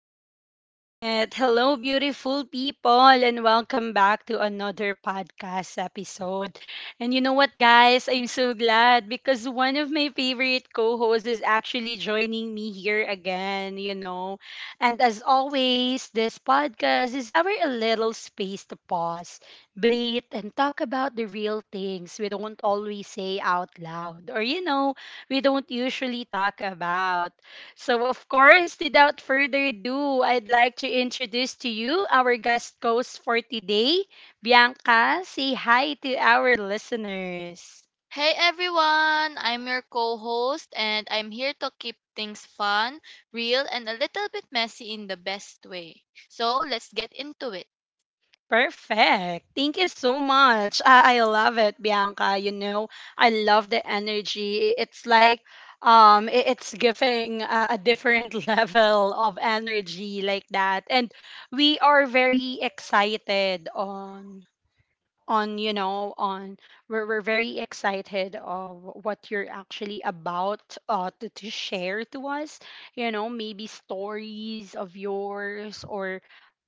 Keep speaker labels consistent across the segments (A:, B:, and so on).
A: right. Hello, beautiful people, and welcome back to another podcast episode. And you know what, guys? I'm so glad because one of my favorite co hosts is actually joining me here again, you know. And as always, this podcast is our little space to pause, breathe, and talk about the real things we don't always say out loud or, you know, we don't usually talk about. So, of course, without further ado, I'd like to introduce to you our guest host for today, Bianca. Say hi to our listeners.
B: Hey everyone, I'm your co host, and I'm here to keep things fun, real, and a little bit messy in the best way. So let's get into it.
A: Perfect. Thank you so much. I love it, Bianca. You know, I love the energy. It's like it's giving a different level of energy like that, and we are very excited on you know on we're very excited of what you're actually about to share to us, you know, maybe stories of yours or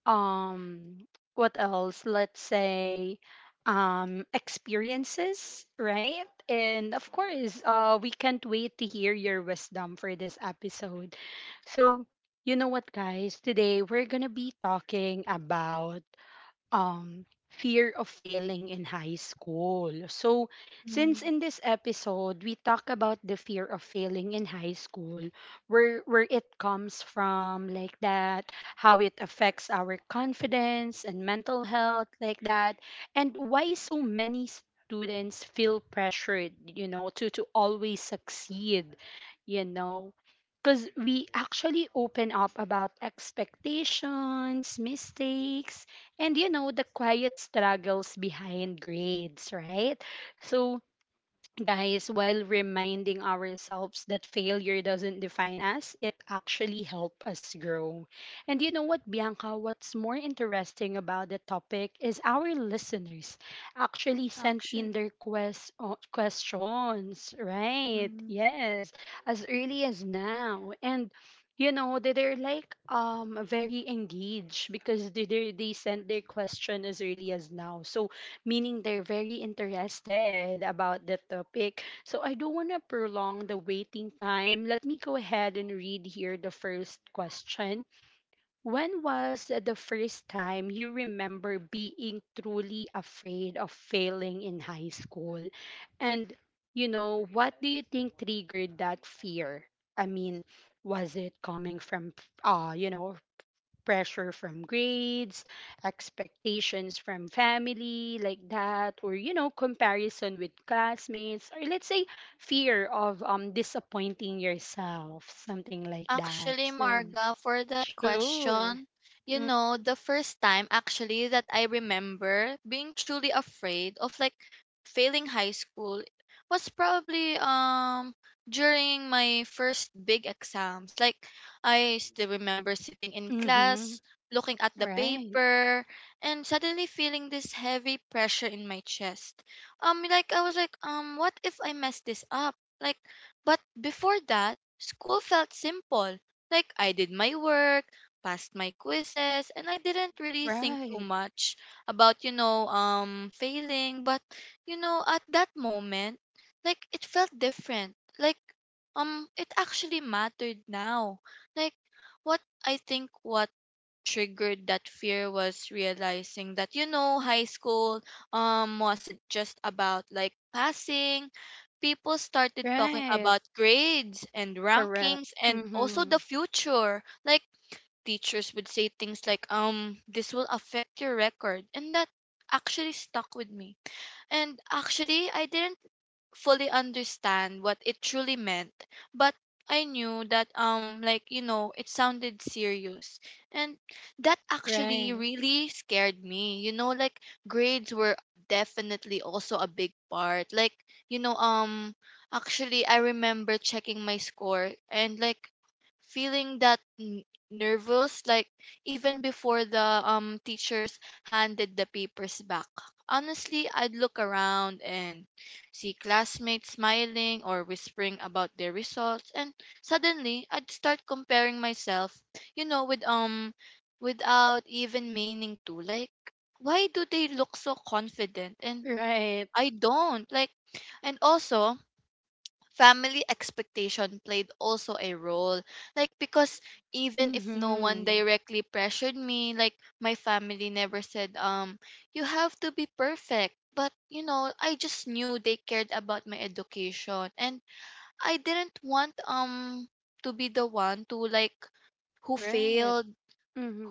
A: um what else, let's say, experiences, right? And of course we can't wait to hear your wisdom for this episode. So you know what, guys, today we're gonna be talking about fear of failing in high school. So, since
B: Mm,
A: in this episode we talk about the fear of failing in high school, where it comes from like that, how it affects our confidence and mental health like that, and why so many students feel pressured, you know, to always succeed, you know, because we actually open up about expectations, mistakes, and, you know, the quiet struggles behind grades, right? So, guys, while reminding ourselves that failure doesn't define us, it actually helps us grow. And you know what, Bianca? What's more interesting about the topic is our listeners actually sent in
B: action.
A: their questions, right? Yes, as early as now. And you know they're like very engaged because they sent their question as early as now, so meaning they're very interested about the topic. So I don't want to prolong the waiting time. Let me go ahead and read here the first question. When was the first time you remember being truly afraid of failing in high school? And, you know, what do you think triggered that fear? I mean, was it coming from, you know, pressure from grades, expectations from family, like that, or, you know, comparison with classmates, or let's say fear of disappointing yourself, something like that.
B: Actually,
A: So
B: Marga, for that
A: sure.
B: question, you know, the first time actually that I remember being truly afraid of like failing high school was probably during my first big exams. Like I still remember sitting in
A: Mm-hmm.
B: class, looking at the
A: Right.
B: paper, and suddenly feeling this heavy pressure in my chest. Like I was like, what if I mess this up? Like but before that, school felt simple. Like I did my work, passed my quizzes, and I didn't really think too
A: Right.
B: much about, you know, failing, but you know, at that moment, like it felt different. Like it actually mattered now. Like what I think what triggered that fear was realizing that you know high school wasn't just about like passing. People started talking
A: Right.
B: about grades and
A: Correct.
B: rankings and also the
A: Mm-hmm.
B: future. Like teachers would say things like, this will affect your record, and that actually stuck with me, and actually I didn't fully understand what it truly meant, but I knew that like you know it sounded serious, and that actually
A: Right.
B: really scared me. You know, like grades were definitely also a big part. Like you know actually I remember checking my score and like feeling that nervous like even before the teachers handed the papers back. Honestly, I'd look around and see classmates smiling or whispering about their results, and suddenly I'd start comparing myself, you know, with without even meaning to. Like why do they look so confident and
A: Right.
B: I don't? Like and also family expectation played also a role, like because even if no one
A: Mm-hmm.
B: directly pressured me, like my family never said, you have to be perfect, but you know I just knew they cared about my education, and I didn't want to be the one to like who
A: Right.
B: failed,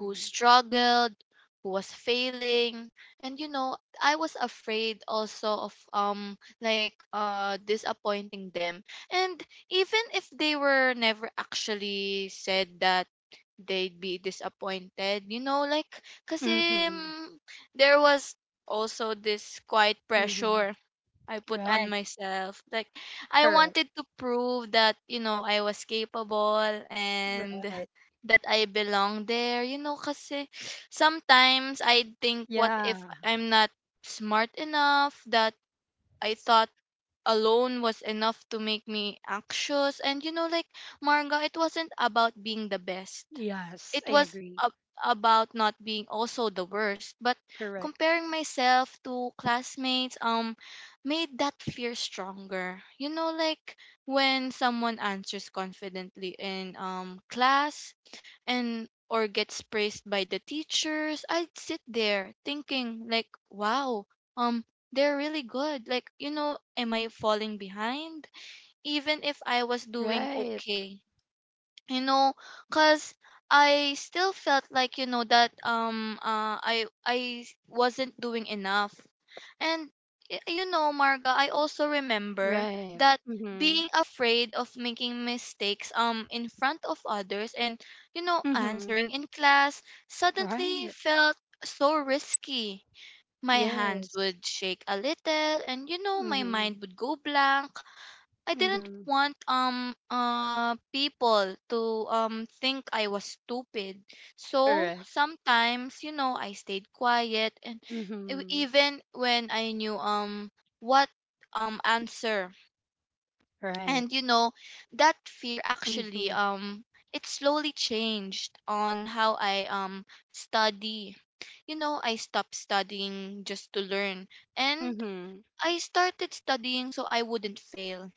B: who struggled, who was failing, and you know, I was afraid also of disappointing them. And even if they were never actually said that they'd be disappointed, you know, like kasi
A: Mm-hmm.
B: mm, there was also this quiet
A: Mm-hmm.
B: pressure I put on
A: Right.
B: myself. Like I
A: Correct.
B: wanted to prove that, you know, I was capable and
A: Right.
B: that I belong there, you know, kasi sometimes I think what if
A: Yeah.
B: I'm not smart enough, that I thought alone was enough to make me anxious. And you know, like Marga, it wasn't about being the best. It
A: Yes, I
B: was ab-
A: agree.
B: about not being also the worst. But
A: Correct.
B: comparing myself to classmates made that fear stronger. You know, like when someone answers confidently in class and or gets praised by the teachers, I'd sit there thinking like, wow, um they're really good. Like, you know, am I falling behind? Even if I was doing
A: Right,
B: okay, you know, cuz I still felt like you know that I wasn't doing enough. And you know, Marga, I also remember
A: right.
B: that
A: Mm-hmm.
B: being afraid of making mistakes in front of others, and you know
A: Mm-hmm.
B: answering in class suddenly
A: Right.
B: felt so risky. My hands
A: Yes.
B: would shake a little, and you know my
A: Mm-hmm.
B: mind would go blank. I didn't
A: Mm-hmm.
B: want people to think I was stupid. So
A: Correct.
B: sometimes, you know, I stayed quiet, and
A: Mm-hmm.
B: even when I knew what answer. And
A: Right.
B: you know, that fear actually
A: Mm-hmm.
B: it slowly changed on how I study. You know, I stopped studying just to learn, and
A: Mm-hmm.
B: I started studying so I wouldn't fail.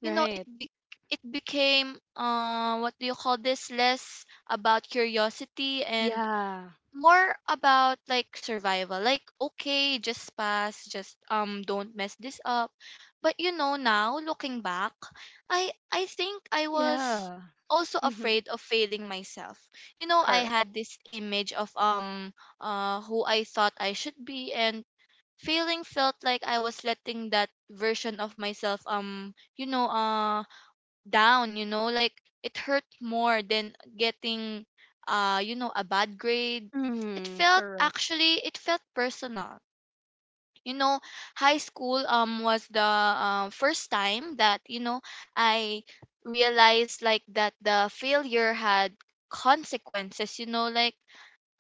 B: You know, it
A: Right.
B: it became, uh, what do you call this, less about curiosity and
A: Yeah.
B: more about like survival, like okay just pass, just don't mess this up. But you know now looking back, I think I was
A: Yeah.
B: also
A: Mm-hmm.
B: afraid of failing myself. You know, I
A: Correct.
B: had this image of who I thought I should be, and failing felt like I was letting that version of myself down, you know, like it hurt more than getting, you know, a bad grade. It
A: Mm-hmm.
B: felt
A: Correct.
B: actually it felt personal. You know, high school was the, first time that, you know, I realized like that the failure had consequences, you know, like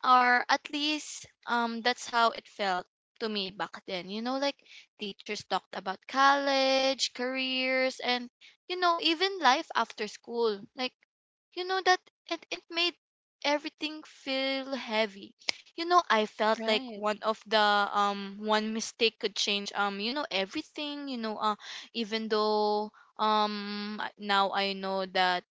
B: or at least that's how it felt to me back then. You know, like teachers talked about college careers, and you know even life after school. Like you know that it made everything feel heavy. You know, I felt like
A: Right.
B: one of the one mistake could change you know everything, you know, uh, even though now I know that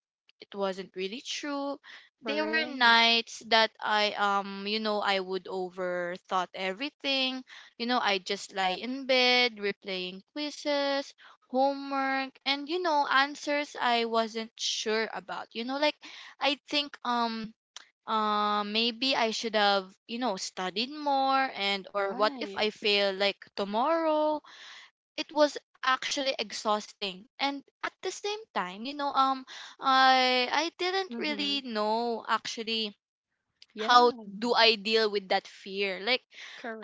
B: it wasn't really true. There were
A: Correct.
B: nights that I you know I would overthought everything. You know, I just lie in bed replaying quizzes, homework, and you know answers I wasn't sure about. You know, like I think maybe I should have, you know, studied more, and or what if I
A: Right.
B: fail like tomorrow? It was actually exhausting, and at the same time you know I didn't
A: Mm-hmm.
B: really know actually how
A: Yeah.
B: do I deal with that fear. Like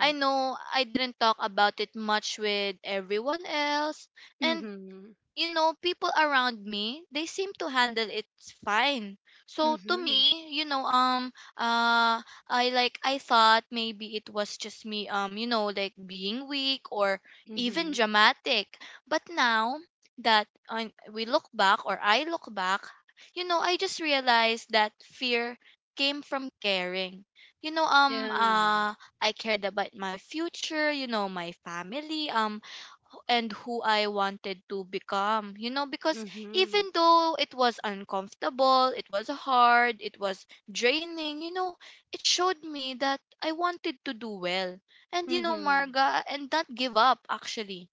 B: I know I didn't talk about it much with everyone else, and
A: Mm-hmm.
B: you know, people around me, they seem to handle it fine. So to
A: Mm-hmm.
B: me, you know, uh, I like I thought maybe it was just me, you know, like being weak or even
A: Mm-hmm.
B: dramatic. But now that, we look back, or I look back, you know, I just realized that fear came from caring. You know,
A: Yeah.
B: I cared about my future, you know, my family, and who I wanted to become. You know, because
A: Mm-hmm.
B: even though it was uncomfortable, it was hard, it was draining, you know, it showed me that I wanted to do well. And, you know,
A: Mm-hmm.
B: Marga, and not give up actually.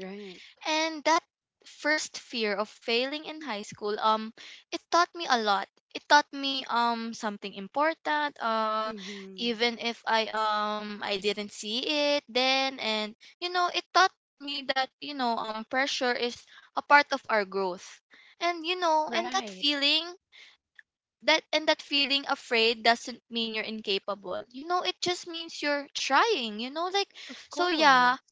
A: Right.
B: And that first fear of failing in high school, it taught me a lot. It taught me something important.
A: Mm-hmm.
B: Even if I didn't see it then, and you know, it taught me that you know pressure is a part of our growth. And you know, and that
A: Right.
B: feeling afraid doesn't mean you're incapable. You know, it just means you're trying. You know, like
A: Of
B: so yeah
A: course.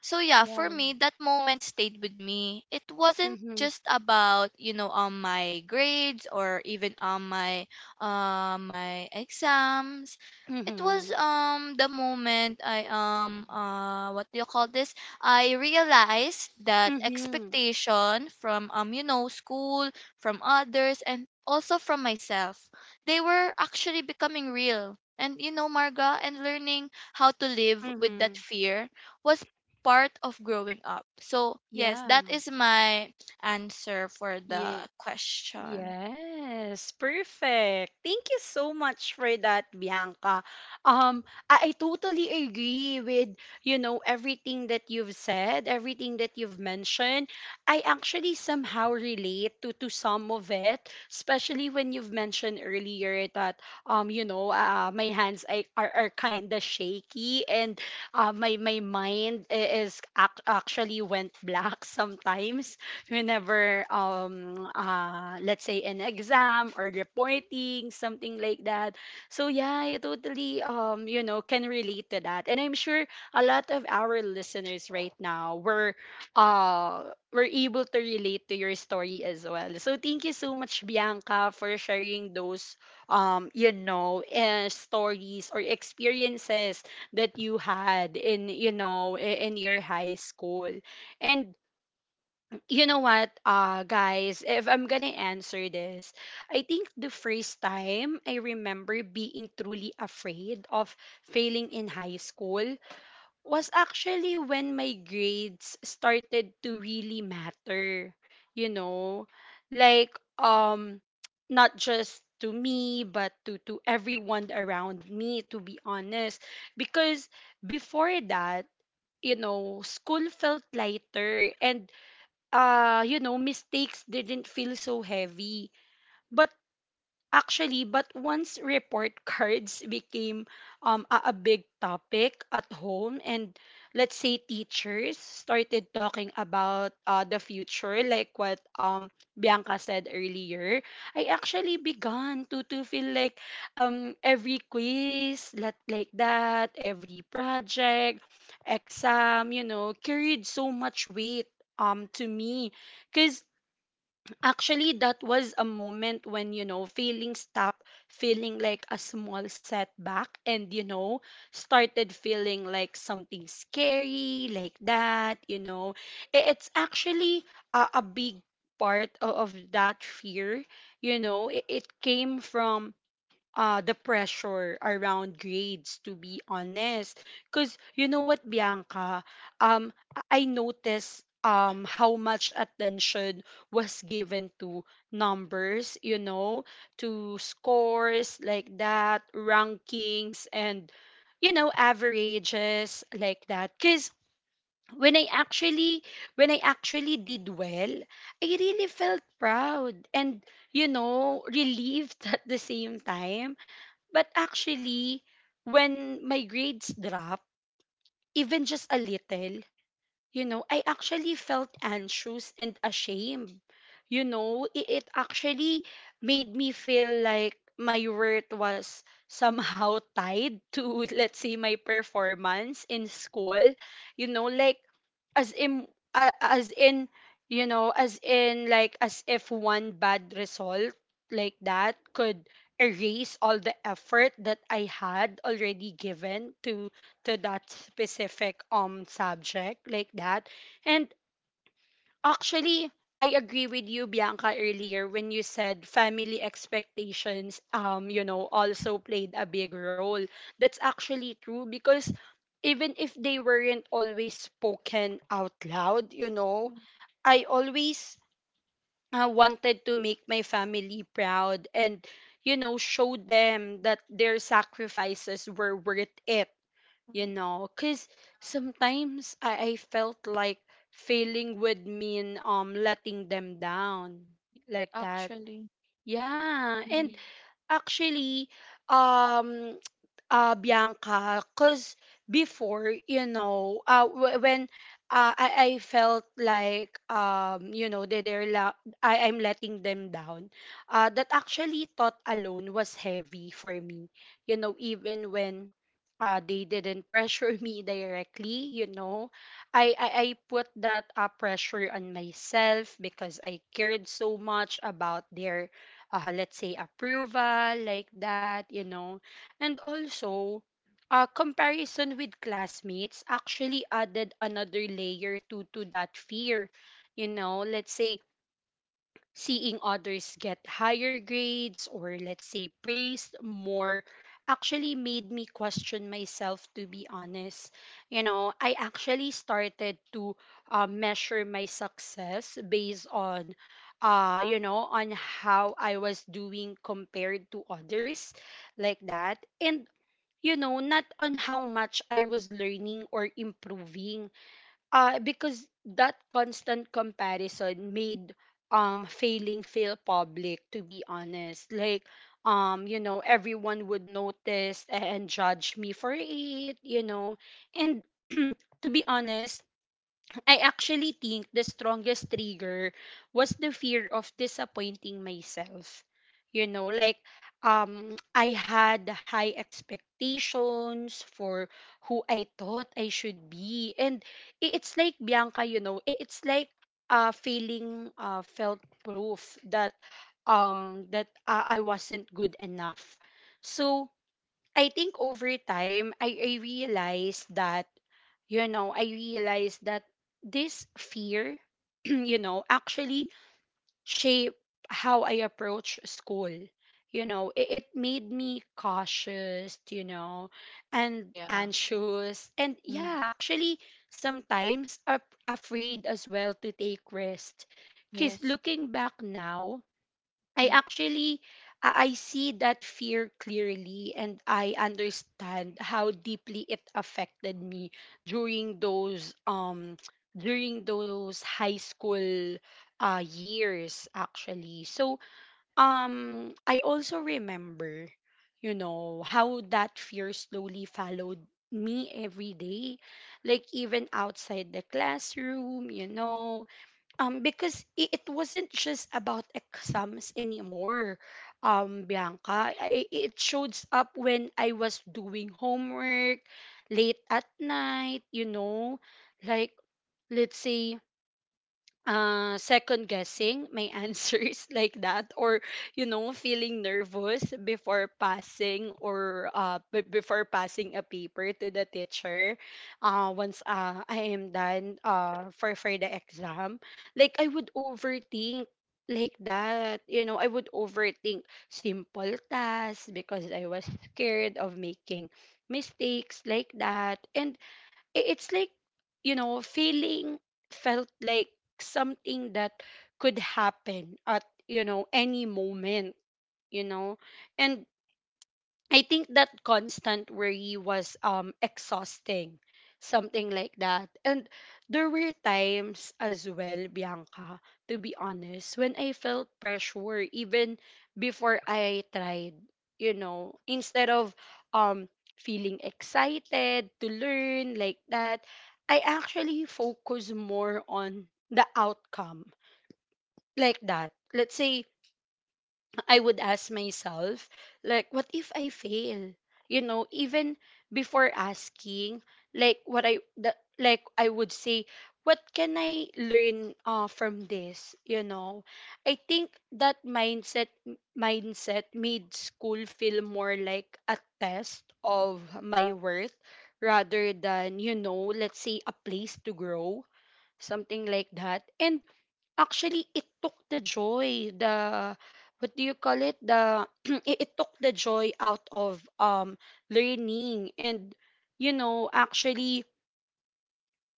B: so yeah, for
A: Yeah.
B: me that moment stayed with me. It wasn't
A: Mm-hmm.
B: just about you know my grades or even on my exams. It was
A: Mm-hmm.
B: the moment I what do you call this, I realized that
A: Mm-hmm.
B: expectation from you know school, from others, and also from myself, they were actually becoming real. And you know, Marga, and learning how to live with that
A: Mm-hmm.
B: fear was part of growing up. So, yes,
A: Yeah.
B: that is my answer for the
A: Yeah.
B: question.
A: Yes, perfect. Thank you so much for that, Bianca. Um, I totally agree with, you know, everything that you've said, everything that you've mentioned. I actually somehow relate to some of it, especially when you've mentioned earlier that you know, my hands are kind of shaky, and my mind actually went black sometimes whenever let's say an exam or reporting something like that. So yeah, I totally you know, can relate to that, and I'm sure a lot of our listeners right now uh were able to relate to your story as well. So thank you so much, Bianca, for sharing those you know, stories or experiences that you had in, you know, in your high school. And you know what, guys, if I'm gonna answer this, I think the first time I remember being truly afraid of failing in high school was actually when my grades started to really matter, you know, like, not just to me but to everyone around me, to be honest. Because before that, you know, school felt lighter, and, you know, mistakes didn't feel so heavy. But Actually, but once report cards became a big topic at home, and let's say teachers started talking about the future, like what Bianca said earlier, I actually began to feel like every quiz, like that, every project, exam, you know, carried so much weight to me. Because actually, that was a moment when, you know, feeling stopped feeling like a small setback, and, you know, started feeling like something scary, like that, you know. It's actually a big part of that fear, you know. It came from the pressure around grades, to be honest. Because you know what, Bianca, um I noticed how much attention was given to numbers, you know, to scores, like that, rankings, and, you know, averages, like that. Because when i actually when I actually did well, I really felt proud and, you know, relieved at the same time. But actually, when my grades drop, even just a little, you know, I actually felt anxious and ashamed. You know, it actually made me feel like my worth was somehow tied to, let's say, my performance in school. You know, like, as in, as in, you know, as in, like, as if one bad result like that could erase all the effort that I had already given to that specific subject like that. And actually, I agree with you, Bianca, earlier when you said family expectations, you know, also played a big role. That's actually true because even if they weren't always spoken out loud, you know, I always wanted to make my family proud and, you know, show them that their sacrifices were worth it, you know. Because sometimes I felt like failing would mean letting them down, like that,
B: Actually,
A: yeah. And
B: mm,
A: actually, um, Bianca, because before, you know, when I felt like, you know, that I'm letting them down, that actually thought alone was heavy for me, you know, even when they didn't pressure me directly, you know, I put that pressure on myself because I cared so much about their, let's say, approval, like that, you know. And also, comparison with classmates actually added another layer to that fear, you know. Let's say seeing others get higher grades or, let's say, praised more actually made me question myself, to be honest. You know, I actually started to, measure my success based on, you know, on how I was doing compared to others, like that, and, you know, not on how much I was learning or improving. Because that constant comparison made failing feel public, to be honest. Like, you know, everyone would notice and judge me for it, you know. And to be honest, I actually think the strongest trigger was the fear of disappointing myself. You know, like, I had high expectations for who I thought I should be. And it's like, Bianca, you know, I- it's like, feeling felt proof that I wasn't good enough. So I think over time, I realized that, you know, I realized that this fear, you know, actually shape how I approach school. You know, it made me cautious, you know, and
B: yeah.
A: anxious. And
B: Mm,
A: yeah, actually, sometimes afraid as well to take rest. Because
B: yes.
A: looking back now, I
B: Mm,
A: actually I see that fear clearly, and I understand how deeply it affected me during those during those high school years actually. So I also remember, you know, how that fear slowly followed me every day, like even outside the classroom, you know. Because it wasn't just about exams anymore, Bianca. It shows up when I was doing homework late at night, you know. Like, let's say, second guessing my answers, like that, or, you know, feeling nervous before passing, or before passing a paper to the teacher once I am done for the exam. Like, I would overthink, like that, you know, I would overthink simple tasks because I was scared of making mistakes, like that. And I- it's like, you know, feeling felt like something that could happen at, you know, any moment, you know. And I think that constant worry was exhausting, something like that. And there were times as well, Bianca, to be honest, when I felt pressure even before I tried, you know. Instead of um feeling excited to learn, like that, I actually focus more on the outcome, like that. Let's say I would ask myself, like, what if I fail? You know, even before asking, like, I would say, what can I learn from this? You know, I think that mindset made school feel more like a test of my worth rather than, you know, let's say a place to grow, something like that. And Actually, it took the joy, the what do you call it? The it took the joy out of learning and you know, actually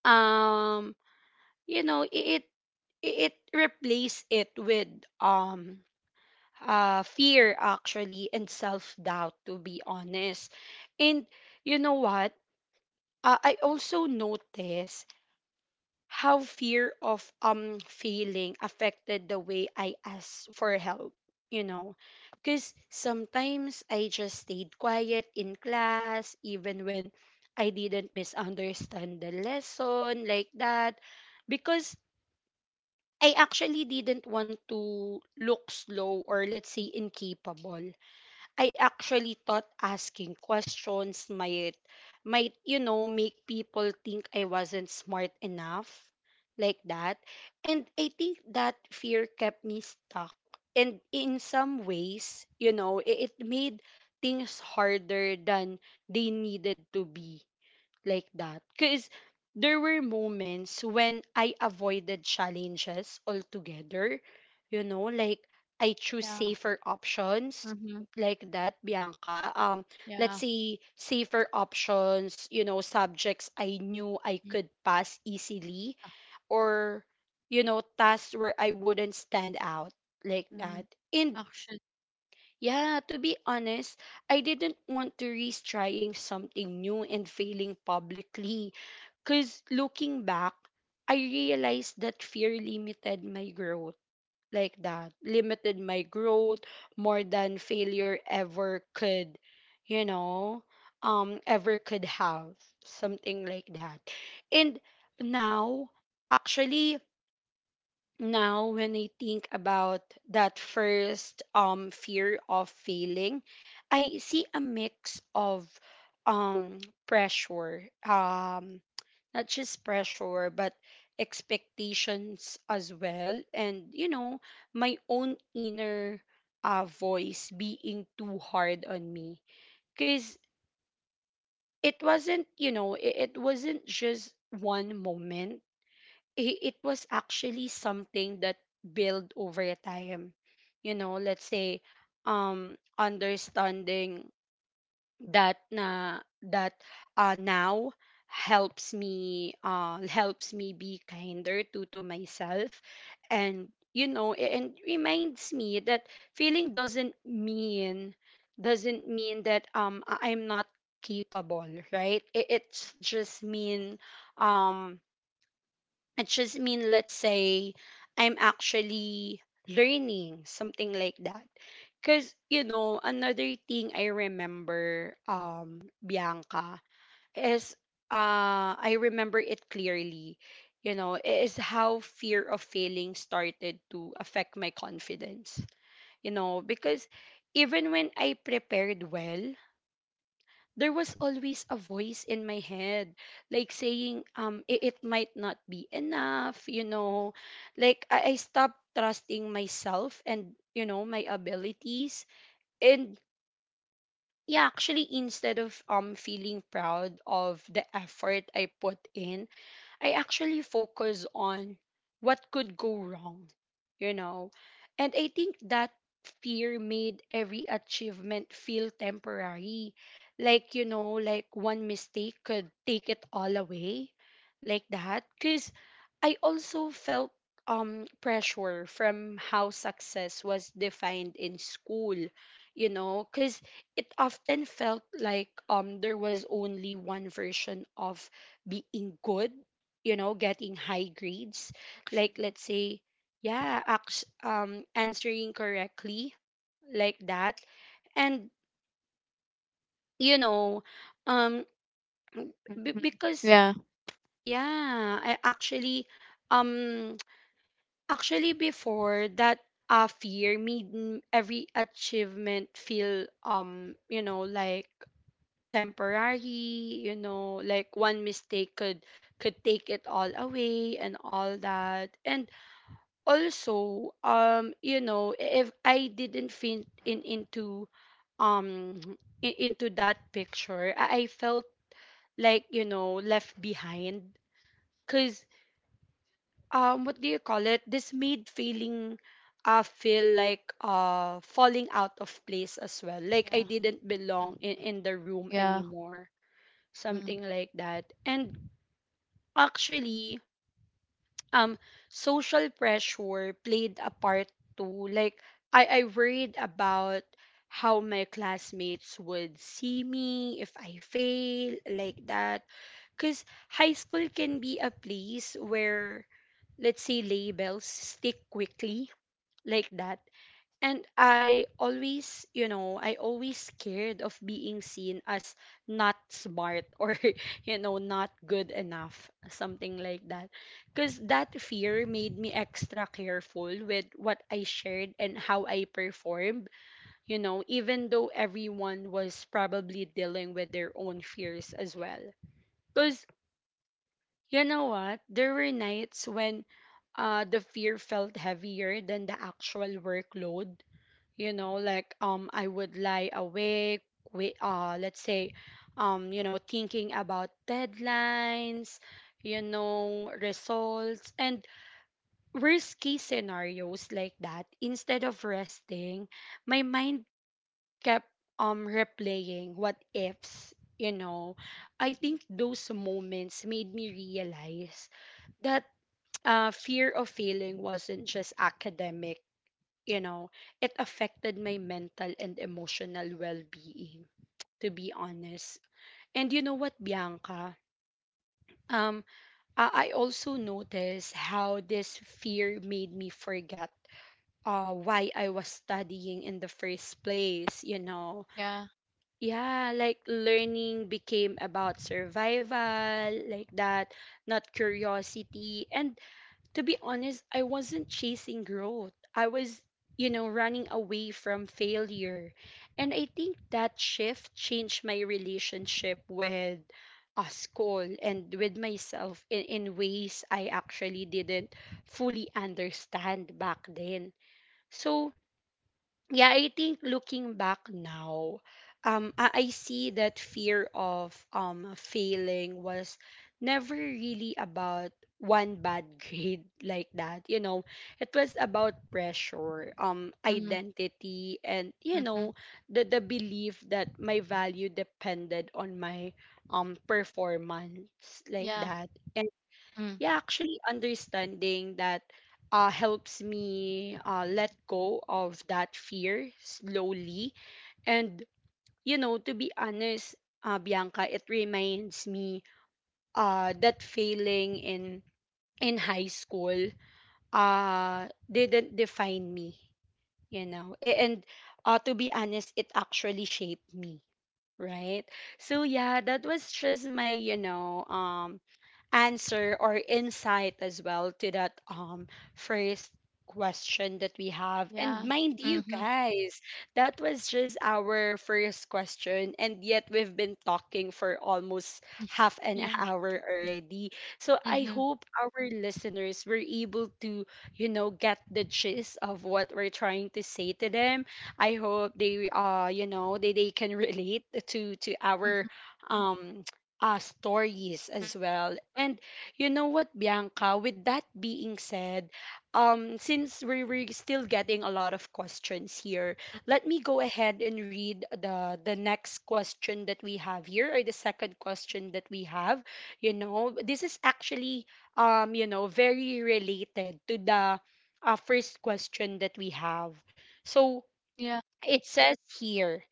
A: um you know, it replaced it with um fear, actually, and self-doubt, to be honest. And you know what? I also noticed how fear of failing affected the way I asked for help, you know. Because sometimes I just stayed quiet in class, even when I didn't misunderstand the lesson like that, because I actually didn't want to look slow or, let's say, incapable. I actually thought asking questions might you know make people think I wasn't smart enough like that. And I think that fear kept me stuck, and in some ways you know it made things harder than they needed to be like that, because there were moments when I avoided challenges altogether. You know, like I choose
B: yeah.
A: safer options
B: Mm-hmm.
A: like that, Bianca. Let's
B: Yeah.
A: say safer options, you know, subjects I knew I could pass easily, or you know tasks where I wouldn't stand out like
B: Mm,
A: that. And
B: actually.
A: yeah, to be honest, I didn't want to risk trying something new and failing publicly. Because looking back, I realized that fear limited my growth like that. Limited my growth more than failure ever could, you know, ever could have. Something like that. And now, actually, now when I think about that first fear of failing, I see a mix of um pressure, not just pressure but expectations as well, and you know my own inner voice being too hard on me, because it wasn't you know it wasn't just one moment. It was actually something that built over time. You know, let's say understanding that na that now helps me be kinder to myself, and you know and reminds me that feeling doesn't mean that I'm not capable, right. It's just mean, um it just mean, let's say, I'm actually learning something like that. Because you know another thing I remember, Bianca, is I remember it clearly, you know, is how fear of failing started to affect my confidence, you know, because even when I prepared well, there was always a voice in my head like saying, it might not be enough, you know. Like I stopped trusting myself and you know my abilities. And yeah, actually, instead of feeling proud of the effort I put in, I actually focus on what could go wrong, you know. And I think that fear made every achievement feel temporary. Like, you know, like one mistake could take it all away, like that. Because I also felt pressure from how success was defined in school, you know, because it often felt like there was only one version of being good, you know, getting high grades, like,
B: Actually,
A: let's say, answering correctly like that. And you know um
B: mm-hmm.
A: because
B: Yeah,
A: yeah I actually um actually before that, fear made every achievement feel you know like temporary, you know, like one mistake could take it all away and all that. And also you know if I didn't fit in into um into that picture, I felt like you know left behind, because what do you call it this made feeling feel like falling out of place as well, like I
B: yeah.
A: didn't belong
B: Mm-hmm.
A: in the room
B: Yeah,
A: anymore,
B: mm,
A: something like that. And actually, um social pressure played a part too. Like I worried about how my classmates would see me if I fail like that. Cause high school can be a place where, let's say, labels stick quickly like that. And I always, you know, I always scared of being seen as not smart or, you know, not good enough, something like that. Because that fear made me extra careful with what I shared and how I performed, you know, even though everyone was probably dealing with their own fears as well. Cause. You know what? There were nights when the fear felt heavier than the actual workload. You know, like I would lie awake, let's say, you know, thinking about deadlines, you know, results, and worst case scenarios like that. Instead of resting, my mind kept replaying what ifs, you know. I think those moments made me realize that fear of failing wasn't just academic, you know, it affected my mental and emotional well being, to be honest. And you know what, Bianca? Um, I also noticed how this fear made me forget why I was studying in the first place, you know.
B: yeah.
A: Yeah, like learning became about survival, like that, not curiosity. And to be honest, I wasn't chasing growth. I was, you know, running away from failure. And I think that shift changed my relationship with a school and with myself in ways I actually didn't fully understand back then. So, yeah, I think looking back now, I see that fear of failing was never really about one bad grade like that. You know, it was about pressure,
B: Mm-hmm.
A: identity, and you
B: Mm-hmm.
A: know, the belief that my value depended on my performance like
B: Yeah,
A: that.
B: mm,
A: Yeah, actually understanding that helps me let go of that fear slowly. And, you know, to be honest, Bianca, it reminds me that failing in high school didn't define me, you know. And to be honest, it actually shaped me. Right. So yeah, that was just my, you know, answer or insight as well to that first question that we have.
B: yeah.
A: And mind you
B: Mm-hmm.
A: guys, that was just our first question and yet we've been talking for almost half an
B: Yeah,
A: hour already. So I
B: mm-hmm,
A: hope our listeners were able to, you know, get the gist of what we're trying to say to them. I hope they you know they can relate to our
B: mm-hmm,
A: um stories as well. And you know what, Bianca, with that being said, since we're still getting a lot of questions here, let me go ahead and read the next question that we have here, or the second question that we have. You know, this is actually you know very related to the first question that we have. So
B: yeah.
A: it says here,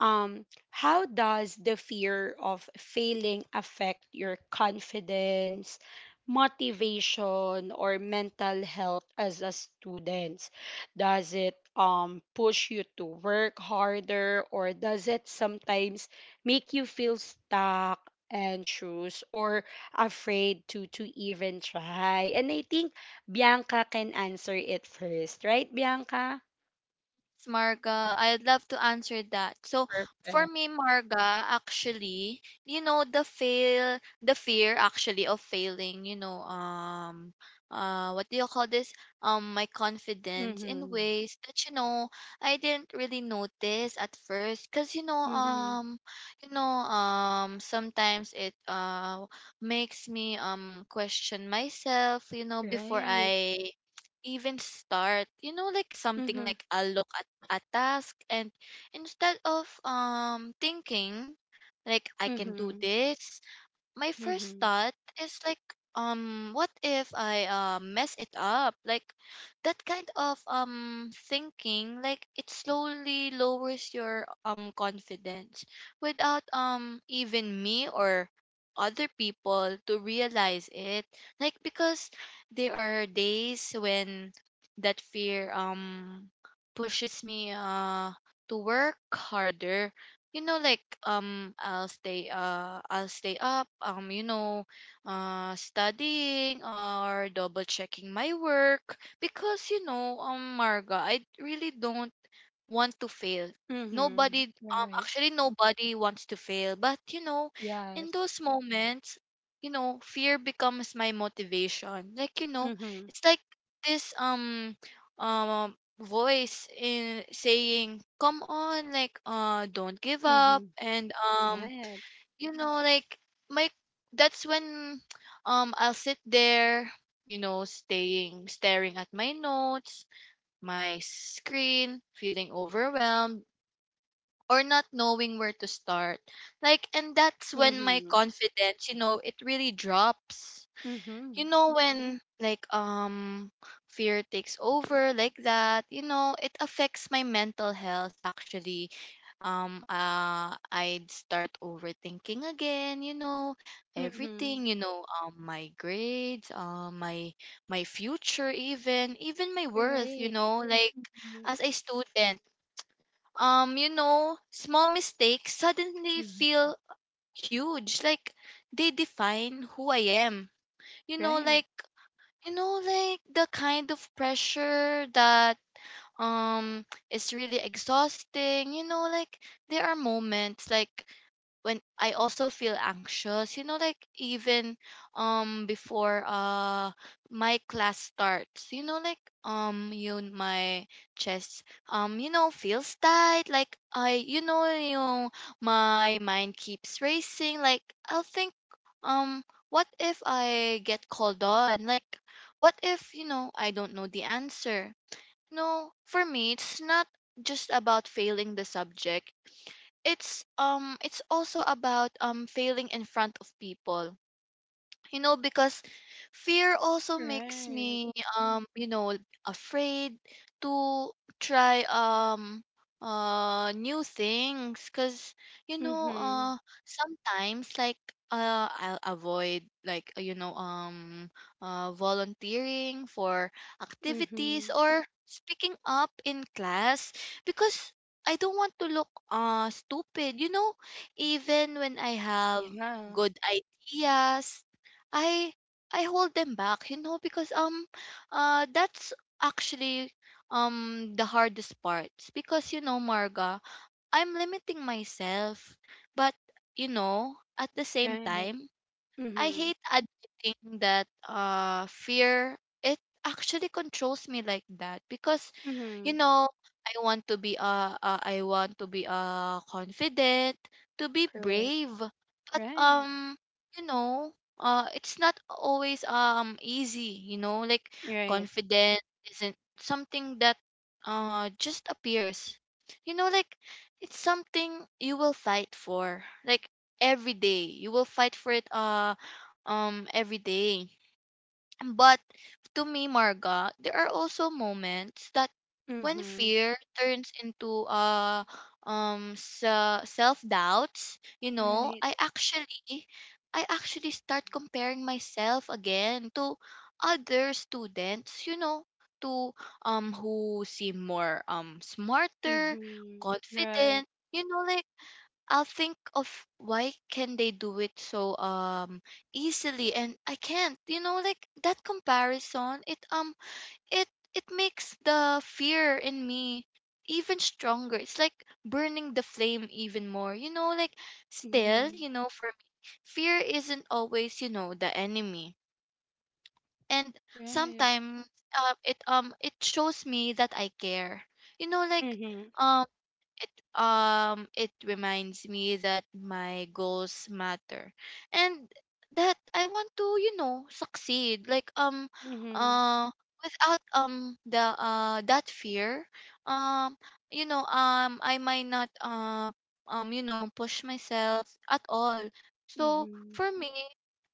A: how does the fear of failing affect your confidence, motivation, or mental health as a student? Does it push you to work harder, or does it sometimes make you feel stuck, anxious, or afraid to even try? And I think Bianca can answer it first, right, Bianca?
B: It's Marga. I'd love to answer that. So for
A: Perfect.
B: me, Marga, actually, you know, the fail, the fear actually of failing, you know, what do you call this? My confidence in
A: Mm-hmm.
B: ways that you know I didn't really notice at first, cause you know,
A: Mhm.
B: sometimes it makes me question myself, you know, before
A: Right.
B: I even start. You know like something,
A: Mhm.
B: like I'll look at a task, and instead of thinking like I can do
A: Mhm.
B: this, my first
A: Mhm.
B: thought is like, what if I, mess it up? Like that kind of thinking, like it slowly lowers your confidence without even me or other people to realize it. Like because there are days when that fear pushes me to work harder. You know, like I'll stay up you know studying or double checking my work, because you know Marga, I really don't want to fail.
A: Mhm.
B: Nobody,
A: Right.
B: actually, nobody wants to fail. But, you know, in
A: Yes.
B: those moments, you know, fear becomes my motivation. Like, you know,
A: Mhm.
B: it's like this, voice in saying, come on, like, don't give up.
A: Mhm.
B: And,
A: Right.
B: you know, like, my, that's when, I'll sit there, you know, staring at my notes, my screen, feeling overwhelmed, or not knowing where to start. Like, and that's when my
A: Mhm.
B: confidence, it really drops. You
A: Mhm.
B: know when like Fear takes over like that. You know, it affects my mental health actually. I'd start overthinking again, you know,
A: Mhm.
B: everything, my grades, my my future, even even my worth, you
A: Great.
B: know, like
A: Mhm.
B: as a student. You know, small mistakes suddenly
A: Mhm.
B: feel huge, like they define who I am, you know
A: Right.
B: like the kind of pressure that is really exhausting, you know. Like there are moments, like when I also feel anxious, you know, like even before my class starts, you know, like you my chest, you know, feels tight, like I you know, my mind keeps racing, like I'll think, what if I get called on, like what if, I don't know the answer. No, for me it's not just about failing the subject, it's also about failing in front of people, you know, because fear also makes
A: Right.
B: me you know afraid to try new things. Because you know
A: Mhm.
B: uh sometimes, like I'll avoid, like volunteering for activities
A: Mhm.
B: or speaking up in class, because I don't want to look stupid, you know. Even when I have
A: Yeah.
B: good ideas, I I hold them back, you know, because that's actually the hardest part. Because, you know, Marga, I'm limiting myself, but, you know, at the same
A: Right.
B: time, I
A: Mhm.
B: hate admitting that fear, it actually controls me like that. Because, you
A: Mhm.
B: know, I want to be I want to be confident, to be
A: Correct.
B: brave, but
A: Right.
B: you know, it's not always easy, you know, like
A: Right.
B: confident isn't something that just appears, you know, like it's something you will fight for, like every day you will fight for it, every day. But to me, Marga, there are also moments that when
A: Mhm.
B: fear turns into self doubts, you know,
A: Right.
B: I actually start comparing myself again to other students, you know, to who seem more smarter,
A: Mhm. Right.
B: confident, you know, like I'll think of, why can they do it so easily and I can't. You know, like that comparison, it it makes the fear in me even stronger. It's like burning the flame even more. You know, like still,
A: Mhm.
B: you know, for me, fear isn't always, you know, the enemy. And
A: Right.
B: sometimes it shows me that I care. You know, like
A: Mhm.
B: um, it it reminds me that my goals matter, and that I want to, you know, succeed, like
A: Mhm.
B: uh without the that fear, um you know, I might not, you know, push myself at all. So
A: Mm-hmm.
B: for me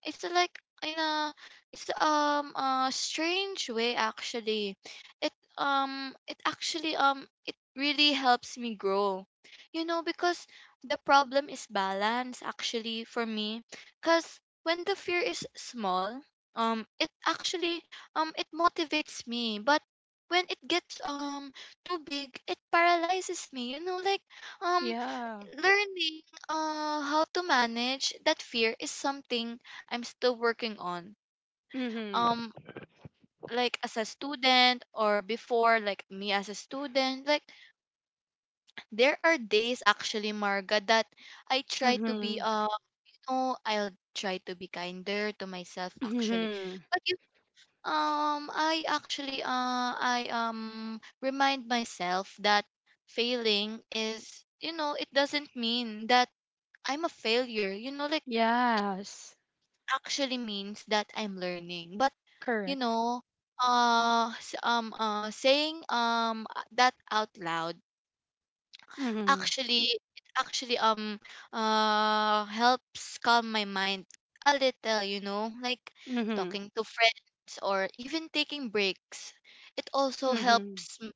B: it's like in a, it's a strange way actually, it it actually, it really helps me grow, you know, because the problem is balance actually for me. Because when the fear is small, it actually, it motivates me, but when it gets too big, it paralyzes me, you know, like um
A: Yeah.
B: learning how to manage that fear is something I'm still working on.
A: Mm-hmm.
B: um like as a student, or before, like me as a student, like there are days actually, Marga, that I try to be
A: Mm-hmm.
B: no I'll try to be kinder to myself actually.
A: Mm-hmm.
B: But you I actually, I remind myself that failing is, you know, it doesn't mean that I'm a failure, you know, like it
A: Yes.
B: actually means that I'm learning. But, you
A: Correct.
B: know, saying that out loud
A: Mm-hmm.
B: actually actually, helps calm my mind a little, you know, like
A: Mm-hmm.
B: talking to friends or even taking breaks. It also
A: Mm-hmm.
B: helps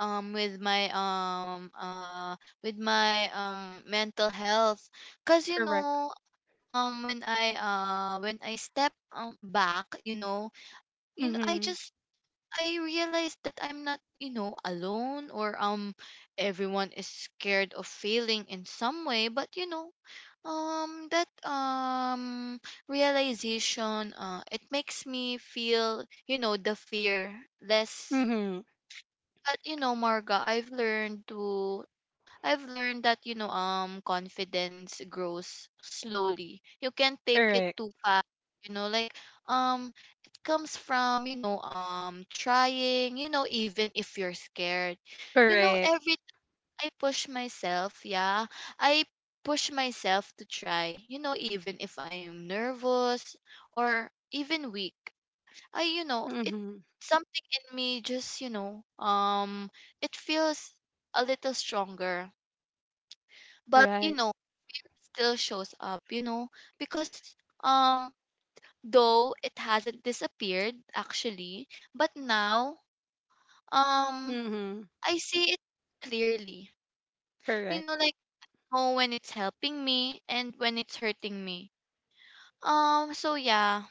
B: um with my um uh with my mental health. Cause, you
A: Correct.
B: know, when I step back, you know, you know I
A: Mm-hmm.
B: just, I realized that I'm not, you know, alone, or everyone is scared of failing in some way. But, you know, that realization, it makes me feel, you know, the fear less.
A: Mm-hmm.
B: But, you know, Marga, I've learned that, you know, confidence grows slowly. You can't take it
A: Correct.
B: too fast. You know, like um it comes from, you know, trying, you know, even if you're scared. You know,
A: Correct.
B: every time I push myself, yeah, I push myself to try, you know, even if I'm nervous or even weak. It,
A: Mm-hmm.
B: something in me just, you know, it feels a little stronger. But, you
A: Right.
B: know, it still shows up, you know, because um though it hasn't disappeared actually, but now, um
A: Mm-hmm.
B: I see it clearly, you
A: Correct.
B: know, like, oh, when it's helping me and when it's hurting me. So yeah,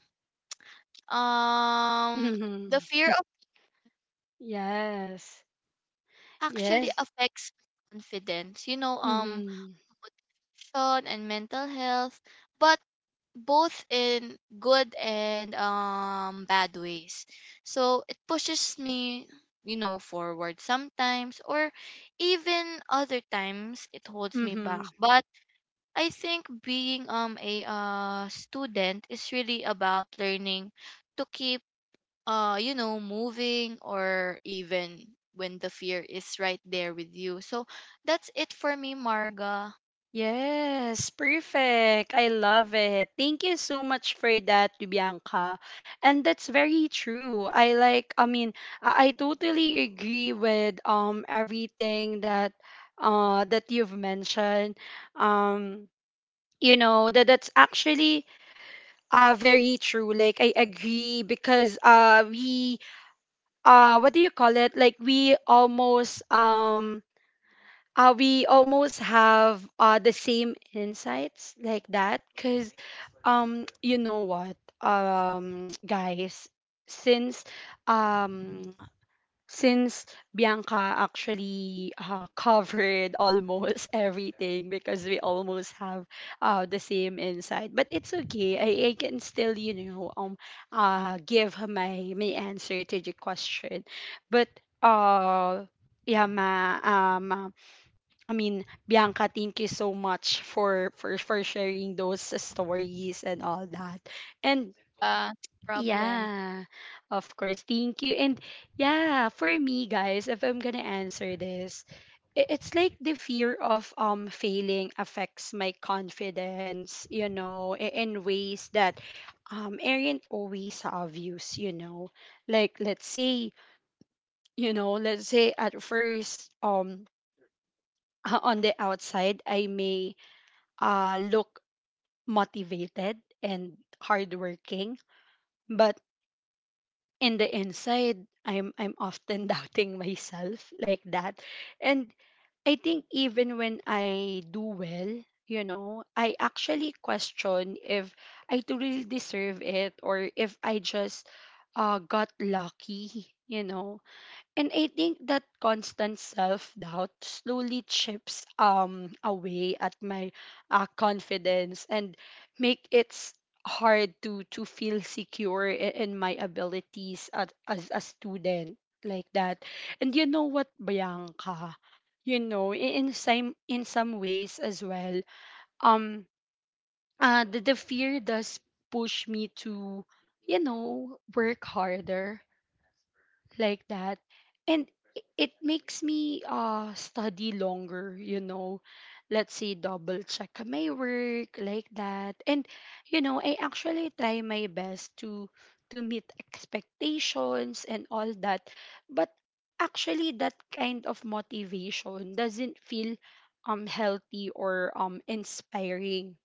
B: um the
A: Mm-hmm.
B: fear of
A: Yes.
B: actually
A: Yes.
B: affects confidence, you know,
A: Mm-hmm.
B: motivation and mental health, but both in good and bad ways. So it pushes me, you know, forward sometimes, or even other times it holds me back.
A: Mm-hmm.
B: But I think being a student is really about learning to keep, you know, moving, or even when the fear is right there with you. So that's it for me, Marga.
A: Yes, perfect. I love it. Thank you so much for that, Bianca. And that's very true. I like I mean, I totally agree with everything that that you've mentioned. Um you know, that that's actually very true. Like I agree because we what do you call it? Like we almost have the same insights like that because you know what guys, since um since Bianca actually covered almost everything because we almost have the same insight, but it's okay. I can still you know give my my answer to the question, but uh yeah ma, um I mean, Bianca, thank you so much for sharing those stories and all that. And
B: Yeah, problem.
A: yeah, of course. Thank you. And yeah, for me, guys, if I'm gonna answer this, it's like the fear of failing affects my confidence, you know, in ways that aren't always obvious, you know. Like let's say, you know, let's say at first on the outside, I may look motivated and hardworking, but in the inside, I'm often doubting myself like that. And I think even when I do well, you know, I actually question if I truly deserve it, or if I just got lucky, you know. And I think that constant self-doubt slowly chips away at my confidence and make it s- hard to feel secure in my abilities as a student like that. And you know what, Bianca? You know, in some ways as well, um the fear does push me to, you know, work harder like that and it makes me study longer, you know, let's say double check my work like that. And you know, I actually try my best to meet expectations and all that, but actually that kind of motivation doesn't feel healthy or inspiring.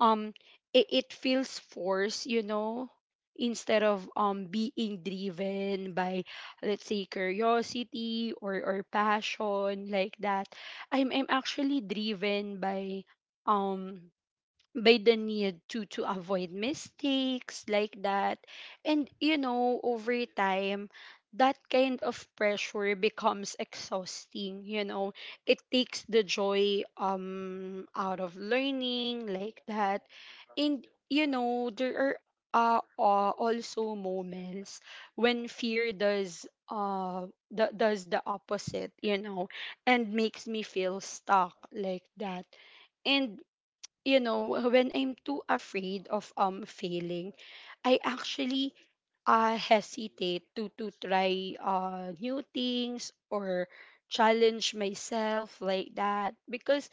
A: Um it, it feels forced, you know, instead of being driven by, let's say, curiosity or passion like that. I'm actually driven by, um by the need to avoid mistakes like that. And you know, over time that kind of pressure becomes exhausting, you know. It takes the joy out of learning like that. And you know, there are also moments when fear does does the opposite, you know, and makes me feel stuck like that. And you know, when I'm too afraid of failing, I actually hesitate to try new things or challenge myself like that. Because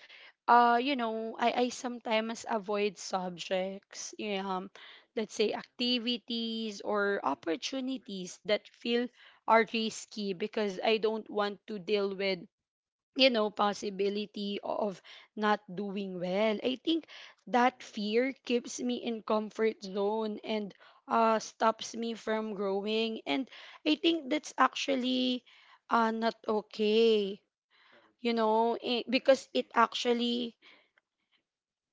A: you know, I sometimes avoid subjects, you know, let's say activities or opportunities that feel are risky, because I don't want to deal with, you know, possibility of not doing well. I think that fear keeps me in comfort zone and stops me from growing. And I think that's actually not okay, you know. Because it actually,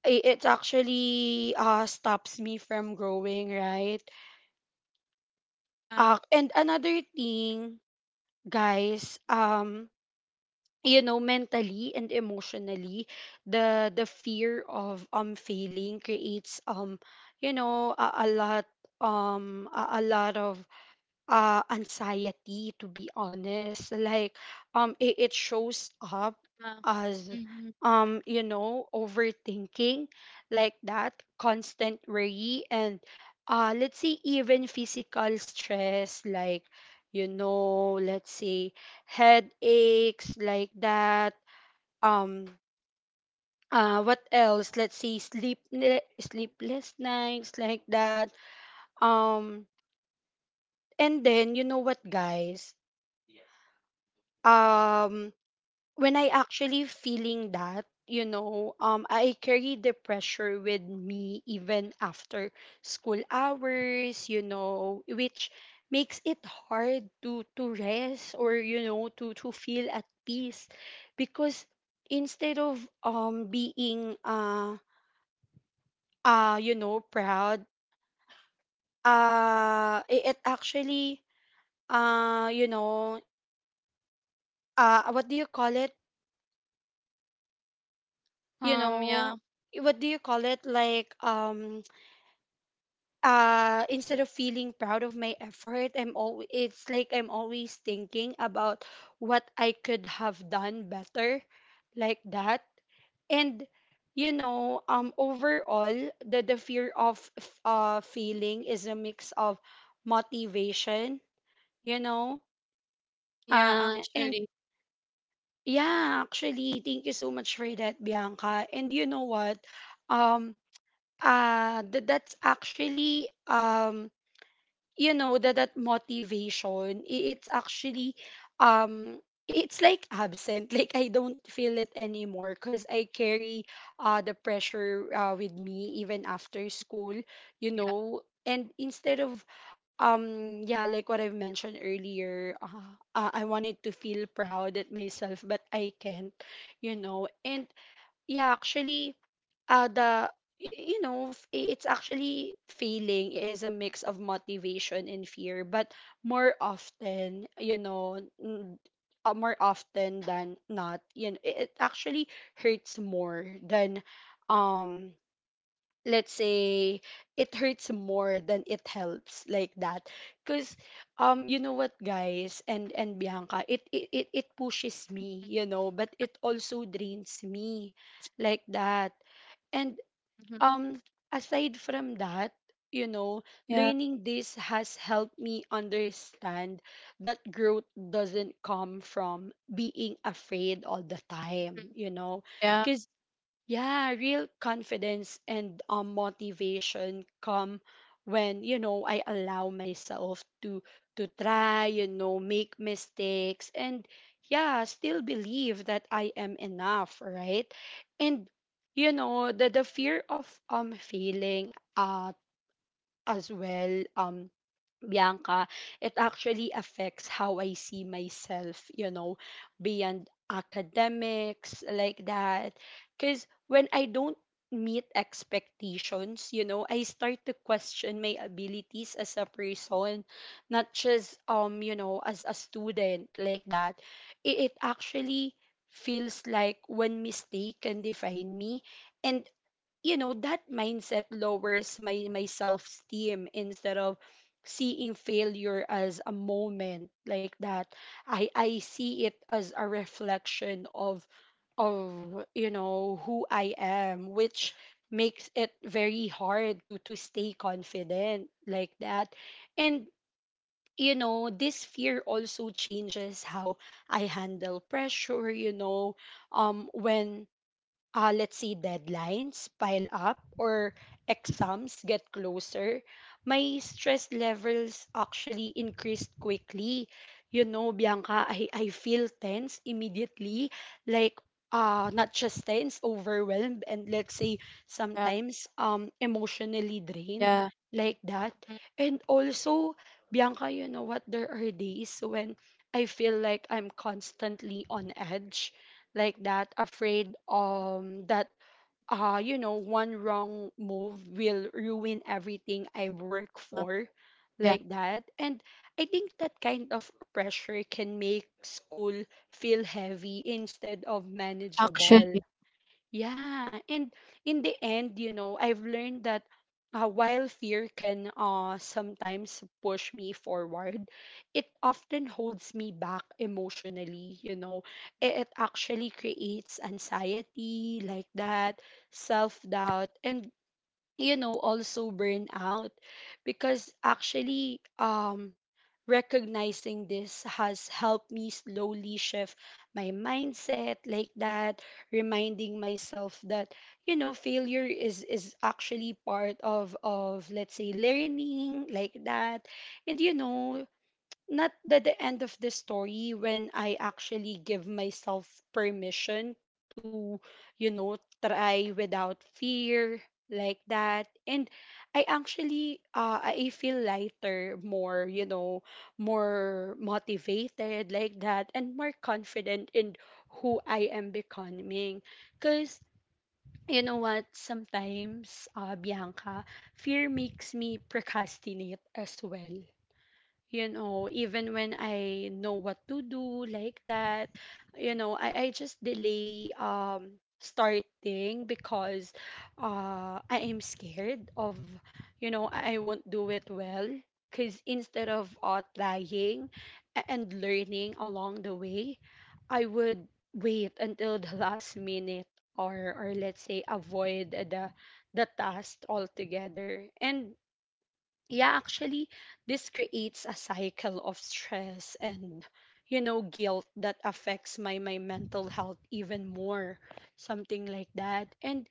A: it actually stops me from growing, right?
B: Yeah.
A: And another thing, guys, you know, mentally and emotionally, the fear of failing creates you know, a lot, a lot of anxiety, to be honest. Like, it shows up
B: Uh,
A: as
B: Mhm.
A: you know, overthinking like that, constant worry and let's say even physical stress, like, you know, let's say headaches like that. um what else? Let's say sleepless nights like that. um and then you know what, guys, um when I actually feeling that, you know, I carry the pressure with me even after school hours, you know, which makes it hard to rest, or you know, to feel at peace. Because instead of being you know, proud, it actually, you know, what do you call it, you
B: Yeah.
A: know, what do you call it, like, instead of feeling proud of my effort, I'm always, it's like I'm always thinking about what I could have done better like that. And you know, overall, the fear of feeling is a mix of motivation, you know,
B: Yeah,
A: and
B: actually.
A: yeah, actually, thank you so much for that, Bianca. And you know what, um that's actually, you know, that motivation, it's actually, um it's like absent, like I don't feel it anymore, because I carry the pressure with me even after school, you
B: Yeah.
A: know. And instead of, yeah, like what I've mentioned earlier, I wanted to feel proud at myself, but I can't, you know. And yeah, actually, the, you know, it's actually feeling is a mix of motivation and fear, but more often, you know, more often than not, you know, it actually hurts more than, um let's say, it hurts more than it helps like that. Because, you know what, guys, and Bianca, it pushes me, you know, but it also drains me like that. And,
B: Mhm.
A: um aside from that, you know,
B: Yeah,
A: learning this has helped me understand that growth doesn't come from being afraid all the time,
B: mhm,
A: you know.
B: yeah,
A: Cause. Yeah, real confidence and, motivation come when, you know, I allow myself to try, you know, make mistakes and, yeah, still believe that I am enough, right? And you know, the fear of failing, uh as well, Bianca, it actually affects how I see myself, you know, beyond academics like that. Because when I don't meet expectations, you know, I start to question my abilities as a person, not just, you know, as a student like that. It actually feels like one mistake can define me. And you know, that mindset lowers my self esteem. Instead of seeing failure as a moment like that, I see it as a reflection of you know, who I am, which makes it very hard to stay confident like that. And you know, this fear also changes how I handle pressure, you know. When let's say deadlines pile up or exams get closer, my stress levels actually increased quickly. You know, Bianca, I feel tense immediately, like, not just tense, overwhelmed, and let's say
B: yeah,
A: sometimes emotionally drained
B: yeah,
A: like that.
B: mhm,
A: And also, Bianca, you know what? There are days when I feel like I'm constantly on edge like that, afraid that you know, one wrong move will ruin everything I work
B: uh,
A: for,
B: yeah.
A: like that. And I think that kind of pressure can make school feel heavy instead of
B: Actually,
A: manageable. Yeah, and in the end, you know, I've learned that while fear can sometimes push me forward, it often holds me back emotionally, you know. It actually creates anxiety like that, self doubt, and you know, also burn out. Because actually, recognizing this has helped me slowly shift my mindset like that, reminding myself that, you know, failure is actually part of let's say learning like that. And you know, not that the end of the story, when I actually give myself permission to, you know, try without fear like that. And I actually, I feel lighter, more, you know, more motivated like that, and more confident in who I am becoming. Cause you know what, sometimes Bianca, fear makes me procrastinate as well, you know, even when I know what to do like that. You know, I just delay starting because I am scared of, you know, I won't do it well. Because instead of trying and learning along the way, I would wait until the last minute, or let's say avoid the task altogether. And yeah, actually, this creates a cycle of stress and, you know, guilt that affects my mental health even more, something like that. And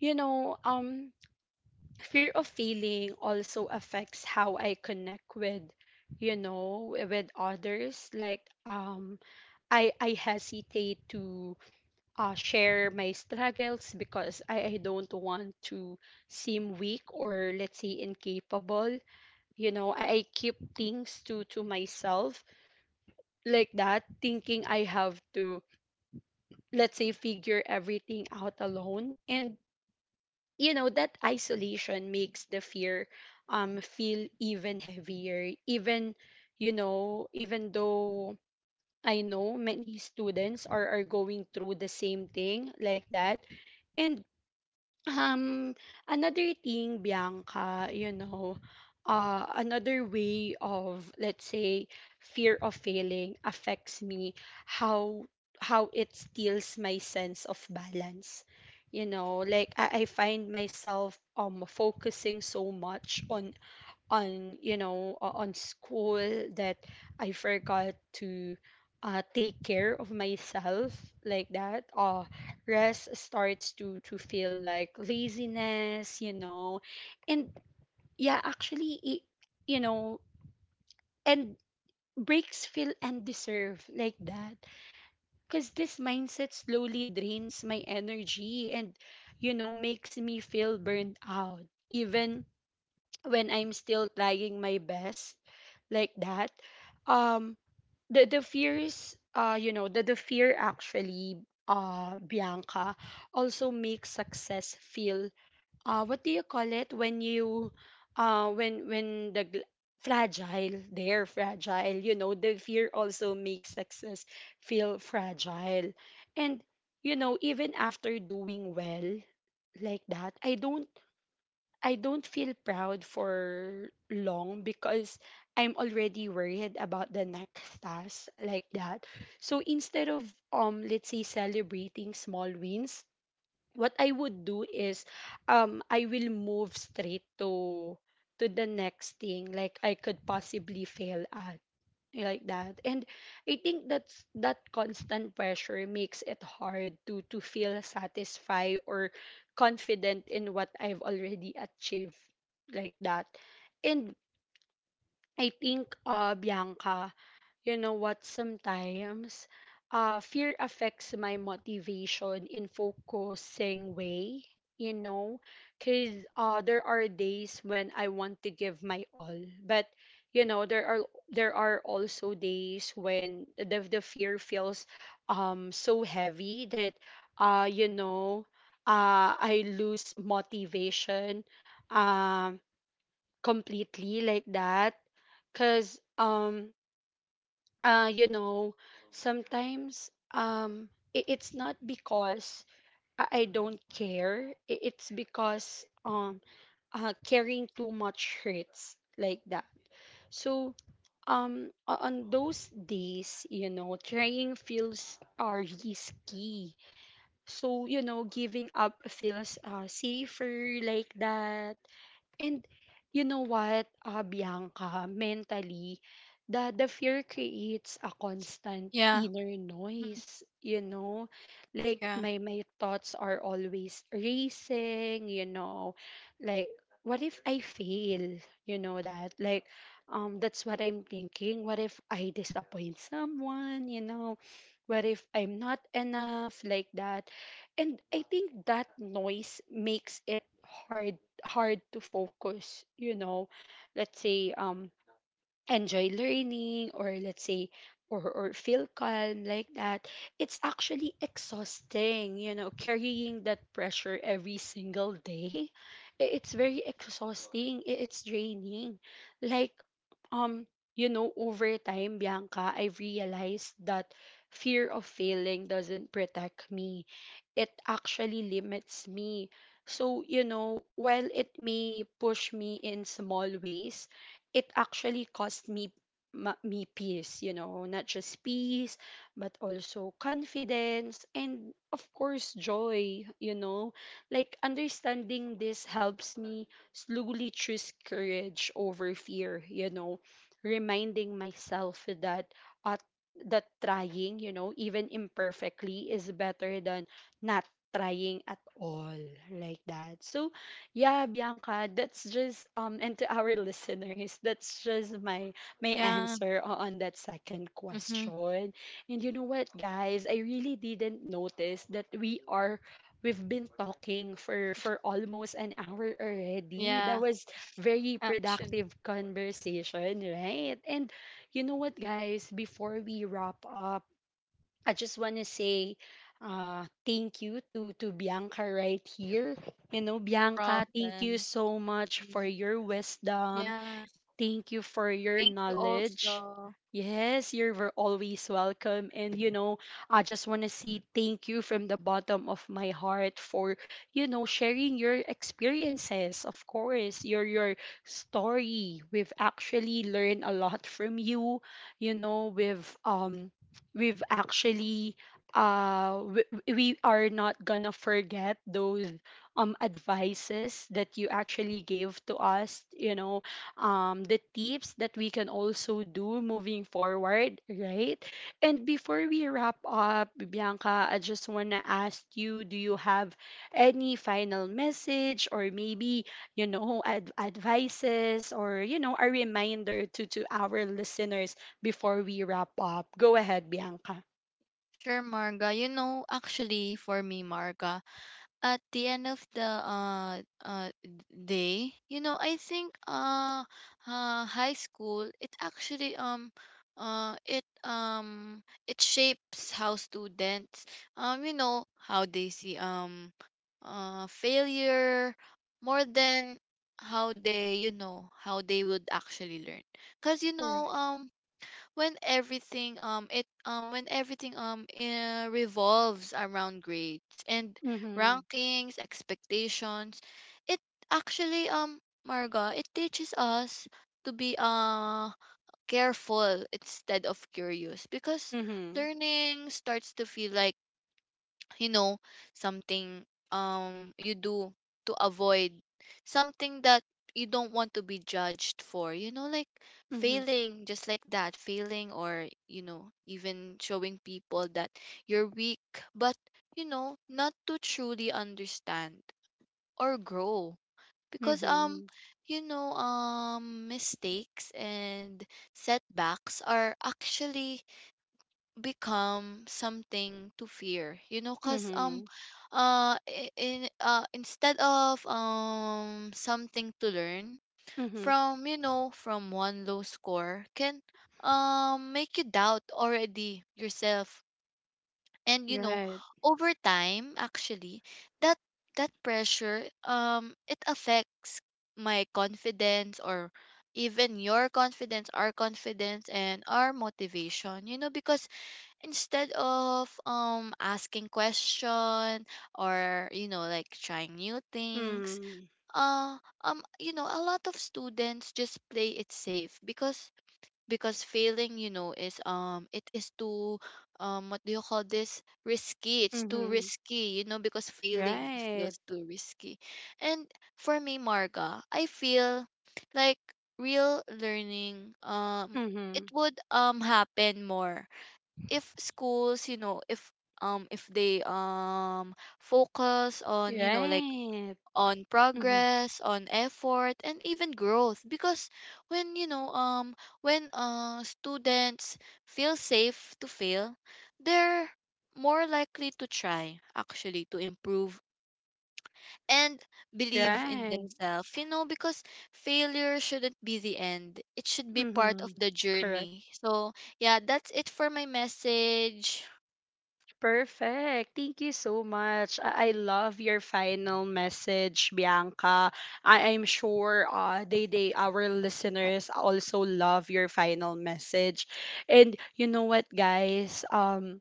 A: you know, fear of failing also affects how I connect with, you know, with others. Like, I hesitate to share my struggles, because I don't want to seem weak or, let's say, incapable, you know. I keep things to myself like that, thinking I have to, let's say, figure everything out alone. And you know, that isolation makes the fear feel even heavier, even, you know, even though I know many students are going through the same thing like that. And, Um, another thing, Bianca, you know, another way of, let's say, fear of failing affects me, how it steals my sense of balance. You know, like, I find myself focusing so much on, you know, on school, that I forgot to take care of myself like that. Rest starts to feel like laziness, you know, and yeah, actually, it, you know, and breaks feel undeserved like that. Because this mindset slowly drains my energy and, you know, makes me feel burned out even when I'm still trying my best like that. um the fears you know, the fear actually, Bianca, also makes success feel, what do you call it when you uh when when the gl- fragile, they're fragile, you know, the fear also makes success feel fragile. And you know, even after doing well like that, I don't, I don't feel proud for long, because I'm already worried about the next task like that. So instead of, let's say, celebrating small wins, what I would do is, I will move straight to the next thing like I could possibly fail at like that. And I think that constant pressure makes it hard to feel satisfied or confident in what I've already achieved like that. And I think, Bianca, you know what? Sometimes fear affects my motivation in focusing way, you know, because there are days when I want to give my all. But, you know, there are also days when the fear feels so heavy that, you know, I lose motivation, um, completely like that. Because uh you know sometimes it's not because I don't care, it's because carrying too much hurts, like that. So on those days, you know, trying feels are risky, so, you know, giving up feels safer, like that. And you know what, Bianca, mentally, the fear creates a constant
B: yeah.
A: inner
B: Mhm.
A: noise, you know? Like,
B: Yeah.
A: my thoughts are always racing, you know? Like, what if I fail? You know that? Like, that's what I'm thinking. What if I disappoint someone, you know? What if I'm not enough, like that? And I think that noise makes it hard to focus, you know? Let's say, enjoy learning, or let's say, or feel calm, like that. It's actually exhausting, you know, carrying that pressure every single day. It's very exhausting, it's draining. like um you know, over time, Bianca, I've realized that fear of failing doesn't protect me, it actually limits me. So, you know, while it may push me in small ways, it actually cost me me peace, you know? Not just peace, but also confidence and of course joy, you know? Like, understanding this helps me slowly choose courage over fear, you know? Reminding myself that at that trying, you know, even imperfectly, is better than not trying at all, like that. So yeah, Bianca, that's just and to our listeners, that's just my my
B: Yeah.
A: answer on that second
B: Hmm.
A: question. And you know what, guys, I really didn't notice that we've been talking for almost an hour already. That
B: Yeah.
A: was very
B: Actually,
A: productive conversation, right? And you know what, guys, before we wrap up, I just want to say thank you to Bianca right here. You know,
B: no
A: Bianca, thank you
B: problem.
A: so much for
B: Mm.
A: your wisdom.
B: Yeah.
A: Thank you for your
B: Thank you
A: knowledge.
B: also.
A: Yes, you're always welcome. And, you know, I just want to say thank you from the bottom of my heart for, you know, sharing your experiences. Of course, your story. We've actually learned a lot from you. You know, we've actually, uh, we, we are not gonna forget those, advices that you actually gave to us, you know, the tips that we can also do moving forward, right? And before we wrap up, Bianca, I just want to ask you, do you have any final message or maybe, you know, advices, or, you know, a reminder to our listeners before we wrap up? Go ahead, Bianca.
B: Sure, Marga. You know, actually, for me, Marga, at the end of the day, you know, I think, high school, it actually, uh it um it shapes how students, you know, how they see, failure, more than how they, you know, how they would actually learn. Because, you know,
A: Correct.
B: when everything, it when everything, revolves around grades and
A: Mm-hmm.
B: rankings, expectations, it actually, Marga, it teaches us to be careful instead of curious. Because
A: Mm-hmm.
B: learning starts to feel like, you know, something, you do to avoid something that you don't want to be judged for, you know, like
A: Mm-hmm.
B: failing. Just like that, failing, or, you know, even showing people that you're weak. But, you know, not to truly understand or grow. Because
A: Mm-hmm.
B: you know, mistakes and setbacks are actually become something to fear, you know, cuz,
A: Mm-hmm.
B: I- in instead of, something to learn
A: Mm-hmm.
B: from, you know. From one low score can, make you doubt already yourself. And, you know,
A: Right.
B: over time actually, that that pressure, it affects my confidence, or even your confidence, our confidence and our motivation, you know. Because instead of asking question, or, you know, like trying new things,
A: Mm-hmm.
B: uh you know, a lot of students just play it safe, because failing, you know, is, it is too, what do you call this, risky, it's too
A: Mm-hmm.
B: risky, you know, because failing
A: Right.
B: feels too risky. And for me, Marga, I feel like real learning,
A: Mm-hmm.
B: it would, happen more if schools, you know, if they, focus on, you know, like
A: Right.
B: on
A: Mm-hmm.
B: progress, on effort, and even growth. Because when, you know, when, students feel safe to fail, they're more likely to try, actually, to improve, and believe
A: Right.
B: in themselves, you know. Because failure shouldn't be the end, it should be
A: Mm-hmm.
B: part of the
A: Correct.
B: journey. So yeah, that's it for my message.
A: Perfect. Thank you so much. I love your final message, Bianca. I am sure they, our listeners also love your final message. And you know what, guys?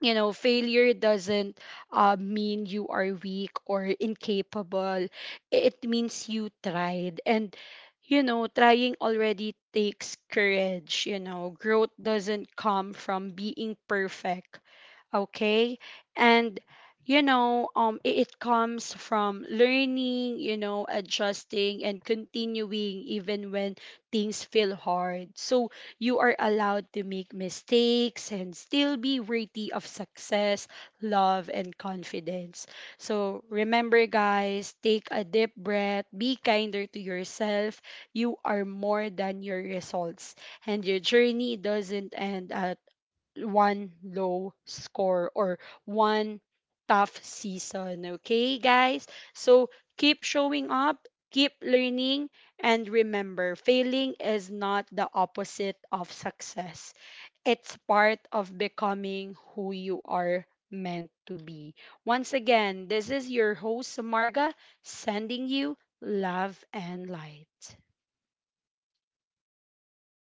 A: You know, failure doesn't mean you are weak or incapable, it means you tried. And, you know, trying already takes courage. You know, growth doesn't come from being perfect, okay? And, you know, it comes from learning, you know, adjusting and continuing even when things feel hard. So you are allowed to make mistakes and still be worthy of success, love and confidence. So remember, guys, take a deep breath, be kinder to yourself. You are more than your results, and your journey doesn't end one low score or one tough season. Okay, guys? So keep showing up, keep learning, and remember, failing is not the opposite of success, it's part of becoming who you are meant to be. Once again, this is your host, Marga, sending you love and light.